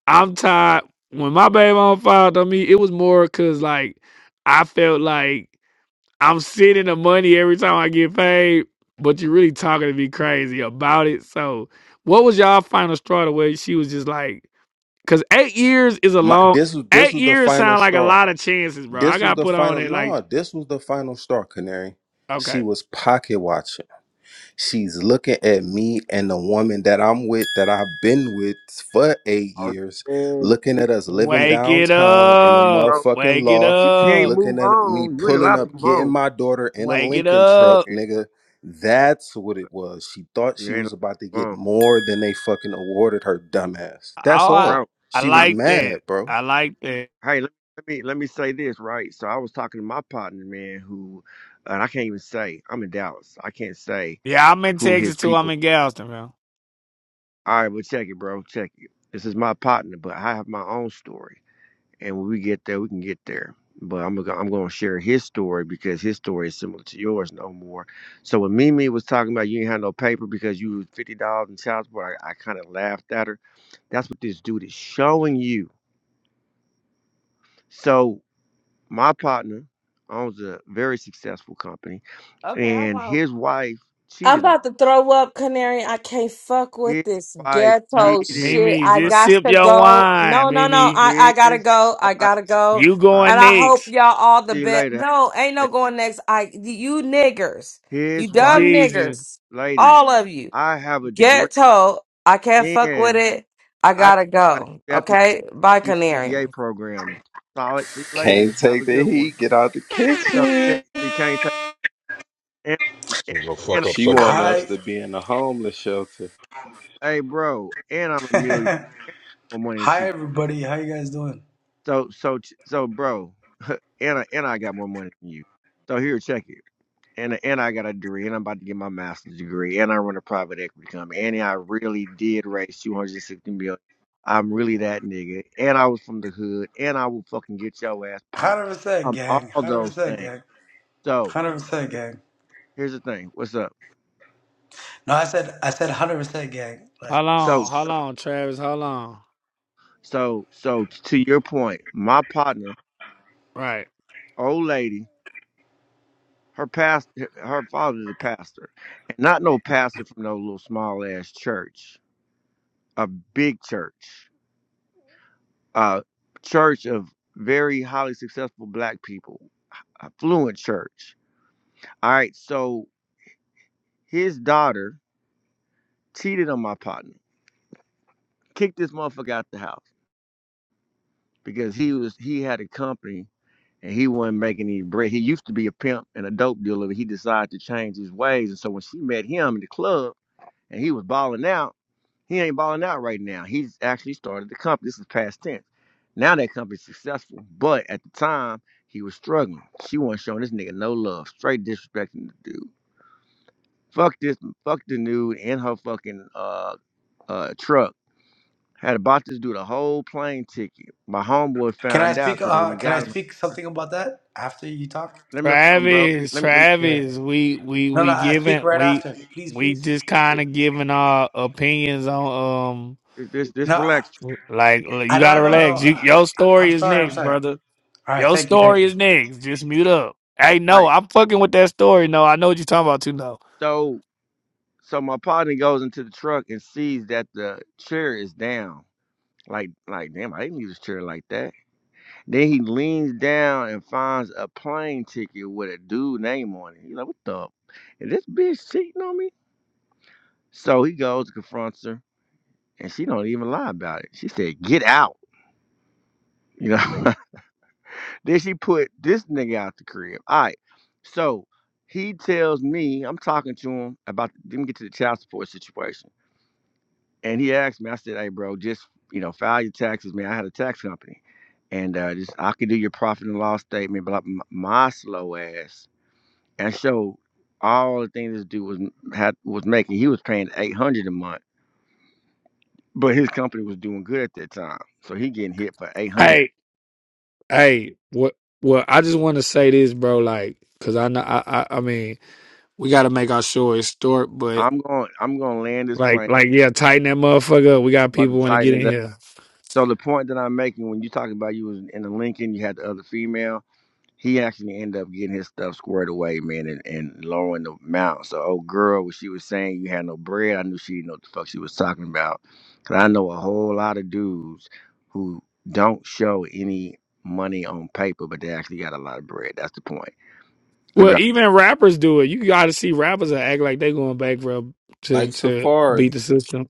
I'm tired. When my baby mom filed on me, it was more because like I felt like. I'm sending the money every time I get paid, but you're really talking to me crazy about it. So, what was y'all final straw the way she was just like, because eight years is a
My
long,
this was this
eight
was the
years
final
sound like a
straw.
lot of chances, bro. I
This was
got
the
put on
final.
it like,
No, this was the final straw, Canary. She
okay,
was pocket watching. She's looking at me and the woman that I'm with, that I've been with for eight
Oh,
years,
yeah, but
looking
you
at us living
like,
wake it
downtown in a
up,
bro,
motherfucking
wake it
loft,
you can't
up,
move
looking at me
on. You ain't
pulling
allowed to
up,
move
getting
on.
my daughter in a
wake it
Lincoln truck,
up.
nigga. That's what it was. She thought
You
she
ain't allowed
was
to
about to
move on.
get more than they fucking awarded her, dumbass. That's
Oh, I,
all.
Bro,
I
She
I'm
was
like that.
mad, bro.
I like that.
hey, let, let me let me say this, right? So I was talking to my partner, man, who and I can't even say I'm in Dallas. I can't say
Yeah, I'm in
who
Texas
his
too. I'm
people.
in Galveston, bro.
All right, well check it, bro. Check it. This is my partner, but I have my own story. And when we get there, we can get there. But I'm gonna I'm gonna share his story because his story is similar to yours, no more. So when Mimi was talking about you ain't had no paper because you was fifty dollars in child support, I, I kind of laughed at her. That's what this dude is showing you. So my partner owns a very successful company,
Okay, I
and
won't.
his wife
I'm
cheated on
about to throw up, Canary. I can't fuck with
him. His
this
wife
All right.
ghetto
cheated
shit.
Mimi,
I
on
just
got
sip
to
your
go.
wine,
No, no, no.
Mimi.
I, I gotta
his
go. I
wife.
gotta go.
You
I'll
going
And I hope
next.
y'all all the
see you
best.
later.
No, ain't no
man.
going next. I you niggers, you
His wife,
dumb
Jesus.
niggers,
lady,
all of you
I have a degree,
ghetto. I can't fuck with
and
it. I
I
gotta
got
go.
accepted
Okay, bye,
to the
Canary.
UBA program. Solid. See you later.
Can't
Have
take
a
the
good one.
heat. Get out the
So shit,
kitchen.
you can't take and,
So
and,
you gonna
and I'm
fuck up
She
a millionaire.
want
somebody's
us
Hi.
life.
to be in a homeless shelter,
Hey, bro, and I'm a million And I got more money than
Hi
she.
everybody. How you guys doing?
got. So so so, bro. and I, and I got more money than you. So here, check it. And and I got a degree, and I'm about to get my master's degree, and I run a private equity company, and I really did raise 260 million. I'm really that nigga, and I was from the hood, and I will fucking get your ass popped.
100%
Um, all
gang.
those
100%
things.
gang.
So
100%
here-
gang.
here's the thing. What's up?
No, I said I said 100% gang. Like
Hold
So
on, hold
so
on, Travis, hold on.
so so to your point, my partner,
Right.
old lady, her past, her father's a pastor, and not no pastor from no little small ass church a big church, a church of very highly successful black people, affluent church. All right, so his daughter cheated on my partner, kicked this motherfucker out the house because he was he had a company and he wasn't making any bread. He used to be a pimp and a dope dealer, but he decided to change his ways. And so when she met him in the club and he was balling out. He ain't balling out right now. He's actually started the company. This is past tense. Now that company's successful, but at the time he was struggling. She wasn't showing this nigga no love, straight disrespecting the dude. Fuck this, fuck the dude and her fucking uh uh truck. Had bought this dude a whole plane ticket. My homeboy
can I
found out
speak
because when he
uh can I
got him,
speak something about that after you talk?
let me hold on, bro. Let me
Travis,
let me let me
Yeah.
Travis, we we
No, no,
we
I speak
giving
right
we
after. Please,
we
please.
just kind of giving our opinions on um
this this,
No,
this
I,
relax.
like l-
I
you
know, I
gotta
know, I
All
know.
relax. You,
I,
your
I- I'm
story is
sorry. I'm
next,
sorry.
brother.
All right,
Your
thank you. Thank
story
you.
is next. Just mute up. Hey, no,
right,
I'm fucking with that story. No, I know what you're talking about too. No.
so so my partner goes into the truck and sees that the chair is down Like, like, damn, I didn't use this chair like that. Then he leans down and finds a plane ticket with a dude name on it. He's like, what the? Is this bitch cheating on me? So he goes and confronts her, and she don't even lie about it. She said, get out. You know. then she put this nigga out the crib. All right. So he tells me, I'm talking to him about let me get to the child support situation. And he asked me, I said, hey, bro, just, you know, file your taxes, man. I had a tax company. And uh, just I could do your profit and loss statement, but like, m- my slow ass. And so all the thing this dude was m- had was making, he was paying 800 a month, but his company was doing good at that time. So he getting hit for 800.
Hey, hey, what? Well, I just want to say this, bro. Like, cause I know I I, I mean we got to make our story short, but
I'm going I'm going to land this
Like,
plane
like, yeah, tighten that motherfucker up. We got
I'm about
people
to
want to get
tighten
in
it up.
here.
So the point that I'm making when you talking about you was in the Lincoln, you had the other female. he actually ended up getting his stuff squared away, man, and, and lowering the amount. So, old girl, when she was saying you had no bread, I knew she didn't know what the fuck she was talking about. Because I know a whole lot of dudes who don't show any money on paper, but they actually got a lot of bread. That's the point. I
Well,
dropped
even rappers do it. You got to see rappers that act like they going bankrupt to
like
to
Safari.
beat the system.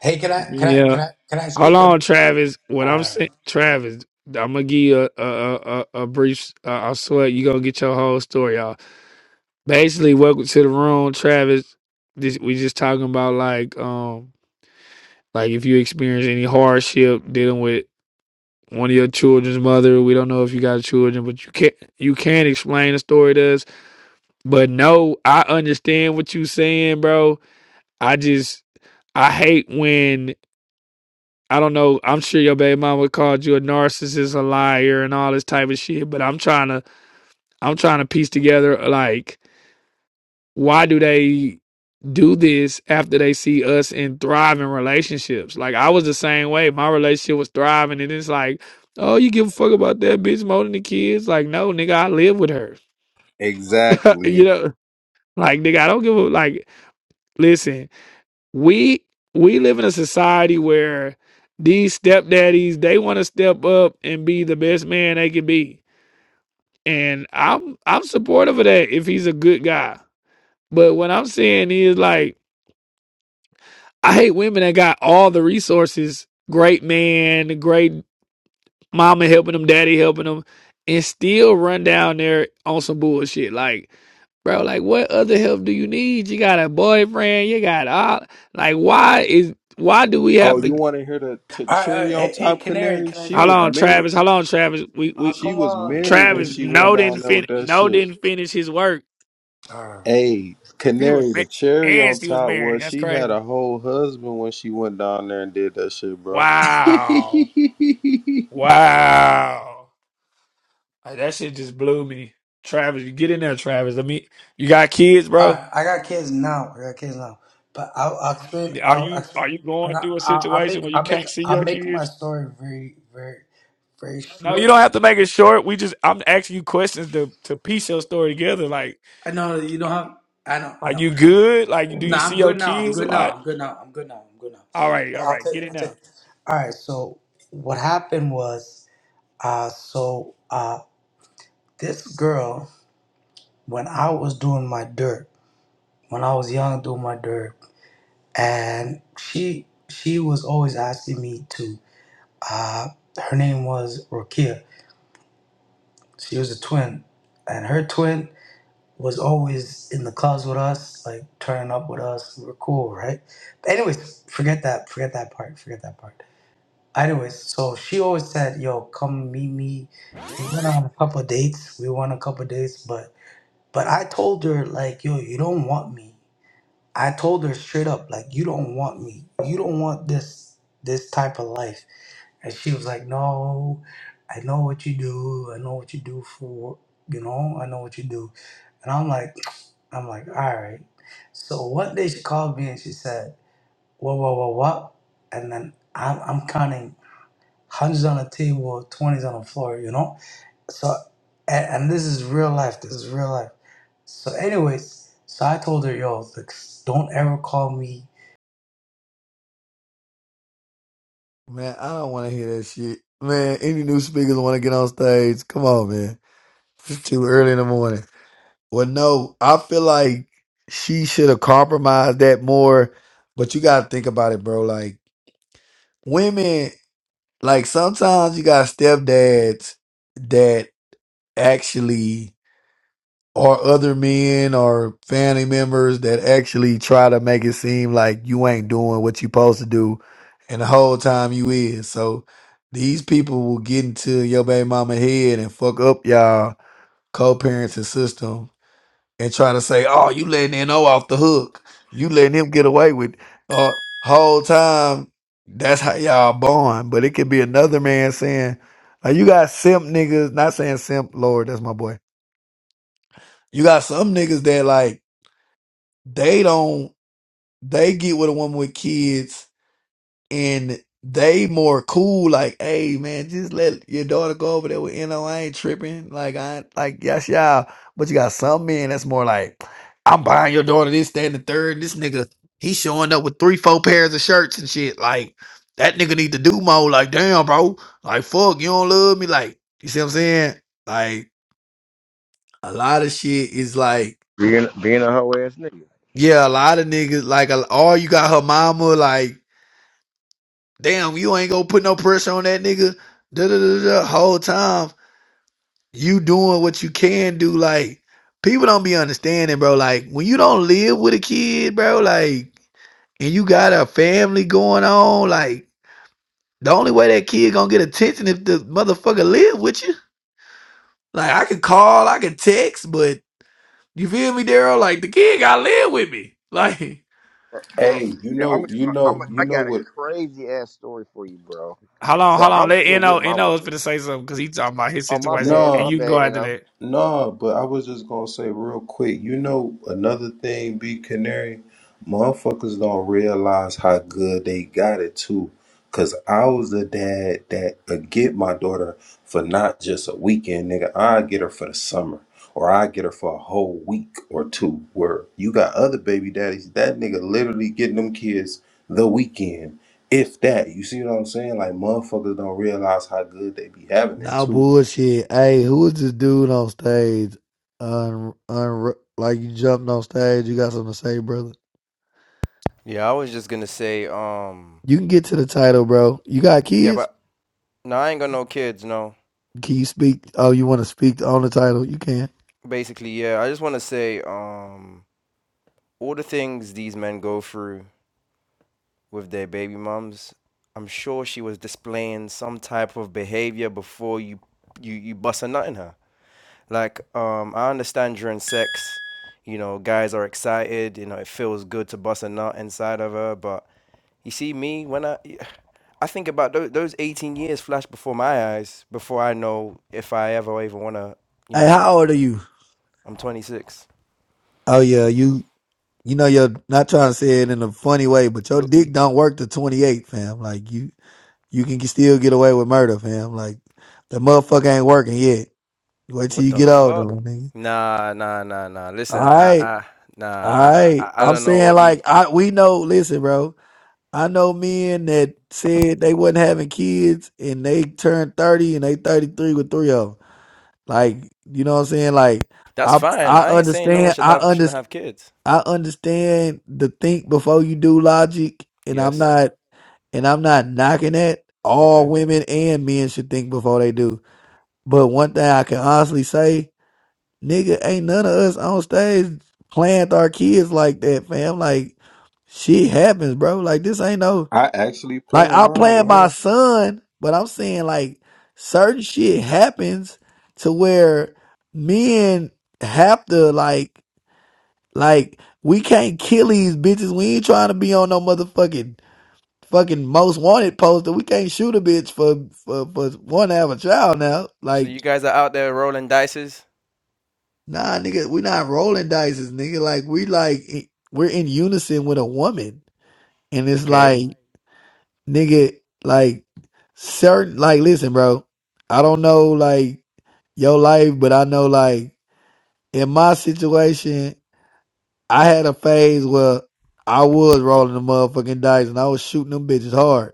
Hey, can I can I
Yeah.
can I can I
Hold
speak of
on, Travis. What
All
I'm
right.
saying, Travis, I'm gonna give you a a a, a a brief. Uh, I swear, you gonna get your whole story out. Basically, welcome to the room, Travis. This we just talking about like um like if you experience any hardship dealing with one of your children's mother. We don't know if you got children, but you can't you can't explain the story to us. But no, I understand what you saying, bro. I just I hate when I don't know. I'm sure your baby mama called you a narcissist, a liar, and all this type of shit. But I'm trying to I'm trying to piece together like. why do they do this after they see us in thriving relationships? Like I was the same way. My relationship was thriving, and it's like, oh, you give a fuck about that bitch more than the kids? Like, no, nigga, I live with her. you
Exactly.
know, like nigga, I don't give a like. Listen, we we live in a society where these stepdaddies they want to step up and be the best man they can be. And I'm I'm supportive of that if he's a good guy. But what I'm saying is like I hate women that got all the resources, great man, great mama helping them, daddy helping them, and still run down there on some bullshit. Like, bro, like what other help do you need? You got a boyfriend, you got all like why is why do we
Oh,
have
you
to
want to hear the t-
All right, all
cherry
right.
on
Hey, hey,
top
Canary,
canary?
can I
She
hold
speak
was
on,
now?
married.
Travis, hold on, Travis. We
Oh,
we
She
come
was
on,
married when
Travis
Canary,
she went
no
please.
down
didn't
there with
fin
that
no
shit.
didn't finish his work.
All right.
Hey,
She was
canary,
ma-
the cherry
and
on
she was
top
married.
was
That's
she had
crazy.
a whole husband when she went down there and did that shit, bro. hey,
Wow. Wow. Like, that shit just blew me. Travis, you get in there, Travis. Let me. You got kids,
All
bro?
right, I got kids now. I got kids now, but I'll, I'll explain.
Are
I'll, i
you are you
can
going
I?
through a
I'll, I'll
situation
make.
where you
I'll make.
can't see
I'll
your
make my
kids?
story very, very, very
No, you
short.
don't have to make it short. We just I'm asking you questions to to piece your story together. Like,
I know you don't have. I know. I
are
know.
you good? Like, do
No,
you see
I'm
your
good now. I'm
kids a
good
lot?
now. I'm good now. I'm good now. I'm good now.
All right,
But
all
I'll
right,
tell. You,
get it
I'll tell.
now.
You. All right. So what happened was, uh, so uh, this girl, when I was doing my dirt, when I was young, doing my dirt, and she she was always asking me to. Uh, her name was Rokia. She was a twin, and her twin was always in the clubs with us, like turning up with us. We were cool, right? But anyways, forget that. Forget that part. Forget that part. Anyways, so she always said, "Yo, come meet me." We went on a couple of dates. We went on a couple of dates, but but I told her like, "Yo, you don't want me." I told her straight up, like, "You don't want me. You don't want this this type of life." And she was like, No, I know what you do. I know what you do for, you know, I know what you do. And I'm like, I'm like, All right. So one day she called me and she said, "What, what, what, what? And then I'm, I'm counting hundreds on the table, 20s on the floor, you know? So, and, and this is real life. This is real life. So, anyways, so I told her, Yo, like, don't ever call me
Man, I don't want to hear that shit. Man, any new speakers want to get on stage? Come on, man. It's too early in the morning. Well, no, I feel like she should have compromised that more. But you gotta think about it, bro. Like women, like sometimes you got stepdads that actually or other men or family members that actually try to make it seem like you ain't doing what you supposed to do and the whole time you is. So these people will get into your baby mama head and fuck up y'all co-parenting system and try to say, "Oh, you letting NO off the hook. You letting him get away with." it." Uh, whole time, that's how y'all born. But it could be another man saying, uh, "You got simp niggas." Not saying simp, Lord, that's my boy. You got some niggas that like they don't. They get with a woman with kids and they more cool, like, hey man, just let your daughter go over there with you know, I ain't tripping. Like I like yes y'all. But you got some men that's more like, I'm buying your daughter this, that, and the third. This nigga, he showing up with three, four pairs of shirts and shit. Like, that nigga need to do more. Like, damn, bro. Like, fuck, you don't love me. Like, you see what I'm saying? Like, a lot of shit is like,
being, being a hoe ass nigga.
yeah, a lot of niggas, like, a- or you got her mama, like, Damn, you ain't gonna put no pressure on that nigga. Da da da da. Whole time you doing what you can do. Like people don't be understanding, bro. Like when you don't live with a kid, bro. Like and you got a family going on. Like the only way that kid gonna get attention if the motherfucker live with you. Like I could call, I could text, but you feel me, Daryl? Like the kid gotta live with me. Like
Bro,
you
yeah, I am
know, you
I- I'm a, am
know, you
I
know
got a
what?
crazy ass story for you, bro.
Hold on,
So,
hold on.
I'm still
Let
with
No,
my
No is
wife.
finna say something because he talking about his
Oh, my
situation,
bad,
No,
and
my
you can go
bad, you
after
know.
that.
No, but I was just gonna say real quick, you know, another thing, Big Canary, motherfuckers don't realize how good they got it too. Cause I was the dad that would get my daughter for not just a weekend, nigga. I get her for the summer, or I get her for a whole week or two. Where you got other baby daddies, that nigga literally getting them kids the weekend, if that. You see what I'm saying? Like motherfuckers don't realize how good they be having it
Nah,
too.
bullshit. Hey, who was this dude on stage? Un, un, like you jumped on stage. You got something to say, brother?
Yeah, I was just gonna say, um,
You can get to the title, bro. You got
yeah,
kids?
but no, I ain't got no kids, no.
Can you speak? Oh, you want to speak on the title? You can.
Basically, yeah, I just wanna say, um, all the things these men go through with their baby mums, I'm sure she was displaying some type of behavior before you you you bust a nut in her. Like, um, I understand during sex, you know, guys are excited. You know, it feels good to bust a nut inside of her. But you see, me when I, I think about those those 18 years flash before my eyes before I know if I ever even wanna. You
Hey,
know,
how old are you?
I'm 26.
Oh yeah, you. You know you're not trying to say it in a funny way, but your
Go-
dick don't work to 28, fam. Like you, you can still get away with murder, fam. Like the motherfucker ain't working yet. Wait till
What
you
the
get older,
fuck?
nigga.
Nah, nah, nah, nah.
All
Listen, I,
right.
I, nah, I, I,
I
I I
I'm
don't know
saying
what you.
like I we know listen bro I know men that said they wasn't having kids and they turned 30 and they 33 with three of them like you know what I'm saying like
That's
I
fine.
I
I ain't saying no one
understand
should
I
have
under
shouldn't have kids.
I understand the think before you do logic and I'm
Yes.
not and I'm not knocking that all
Okay.
women and men should think before they do but one thing I can honestly say nigga, ain't none of us on stage playing with our kids like that, fam. Like, shit happens, bro. Like, this ain't no,
I actually
like,
plan
I
mine
playing
with
my
her.
son, but I'm saying, like, certain shit happens to where men have to, like, like, we can't kill these bitches. We ain't trying to be on no motherfucking, fucking most wanted poster. We can't shoot a bitch for, for, for wanting to have a child now.
So
Like,
you guys are out there rolling dices.
Nah, nigga, we not rolling dices, nigga. Like we like we're in unison with a woman, and it's
Okay.
like, nigga, like certain, like listen, bro. I don't know like your life, but I know like in my situation, I had a phase where I was rolling the motherfucking dice and I was shooting them bitches hard.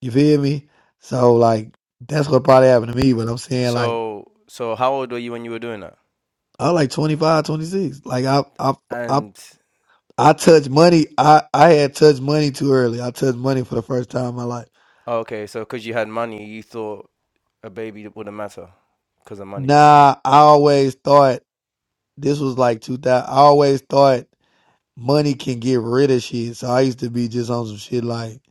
You feel me? So like that's what probably happened to me. But I'm saying like
So so how old were you when you were doing that?
I was like 25, 26. Like I I I
And
I
um,
touched money. I, I had touched money too early. I touched money for the first time in my life.
oh, okay, so because you had money, you thought a baby wouldn't matter because of money.
Nah, I always thought this was like 2000. I always thought money can get rid of shit. So I used to be just on some shit like,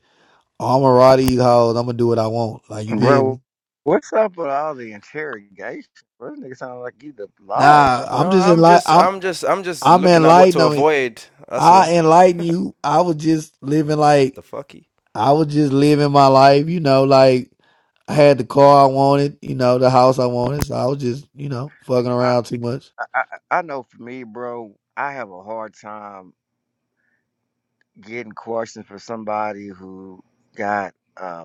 oh, I'm a raw these hoes. I'm gonna do what I want. Like you feel me?
Bro, what's up with all the interrogation? Bro, this nigga sound like you the laws or
Nah,
something.
I'm
No,
just
I'm
enlightened.
just
I'm
I'm just I'm just
I'm
looking at what
enlightened.
to
I, mean,
avoid. That's all.
I enlighten you. I was just living
What
like
the fucky?
I was just living my life, you know, like I had the car I wanted, you know, the house I wanted. So I was just, you know, fucking
I,
around too much.
I I I know for me, bro, I have a hard time getting questions for somebody who got a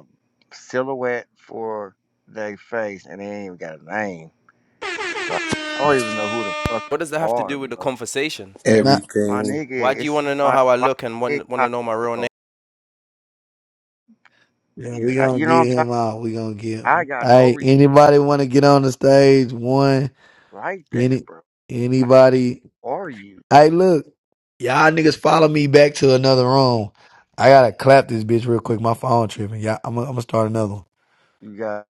silhouette for their face and they ain't even got a name. Like I don't even know who the fuck
What does that
you
have to
are,
do with the
bro.
conversation?
Nah,
My
Everything.
nigga,
Why do you
it's
want to know
like
how I
why
look and
you
want want to know my real
incognito?
yeah, we gonna
You know what
get
I'm talking?
him out. We gonna get
I
him.
got no
Hey,
respect
anybody want to get on the stage? One,
like that,
any,
bro. Like,
anybody?
who are you?
Hey, look, y'all niggas follow me back to another room. I gotta clap this bitch real quick. My phone tripping. Yeah, I'm gonna I'm gonna start another one.
You got.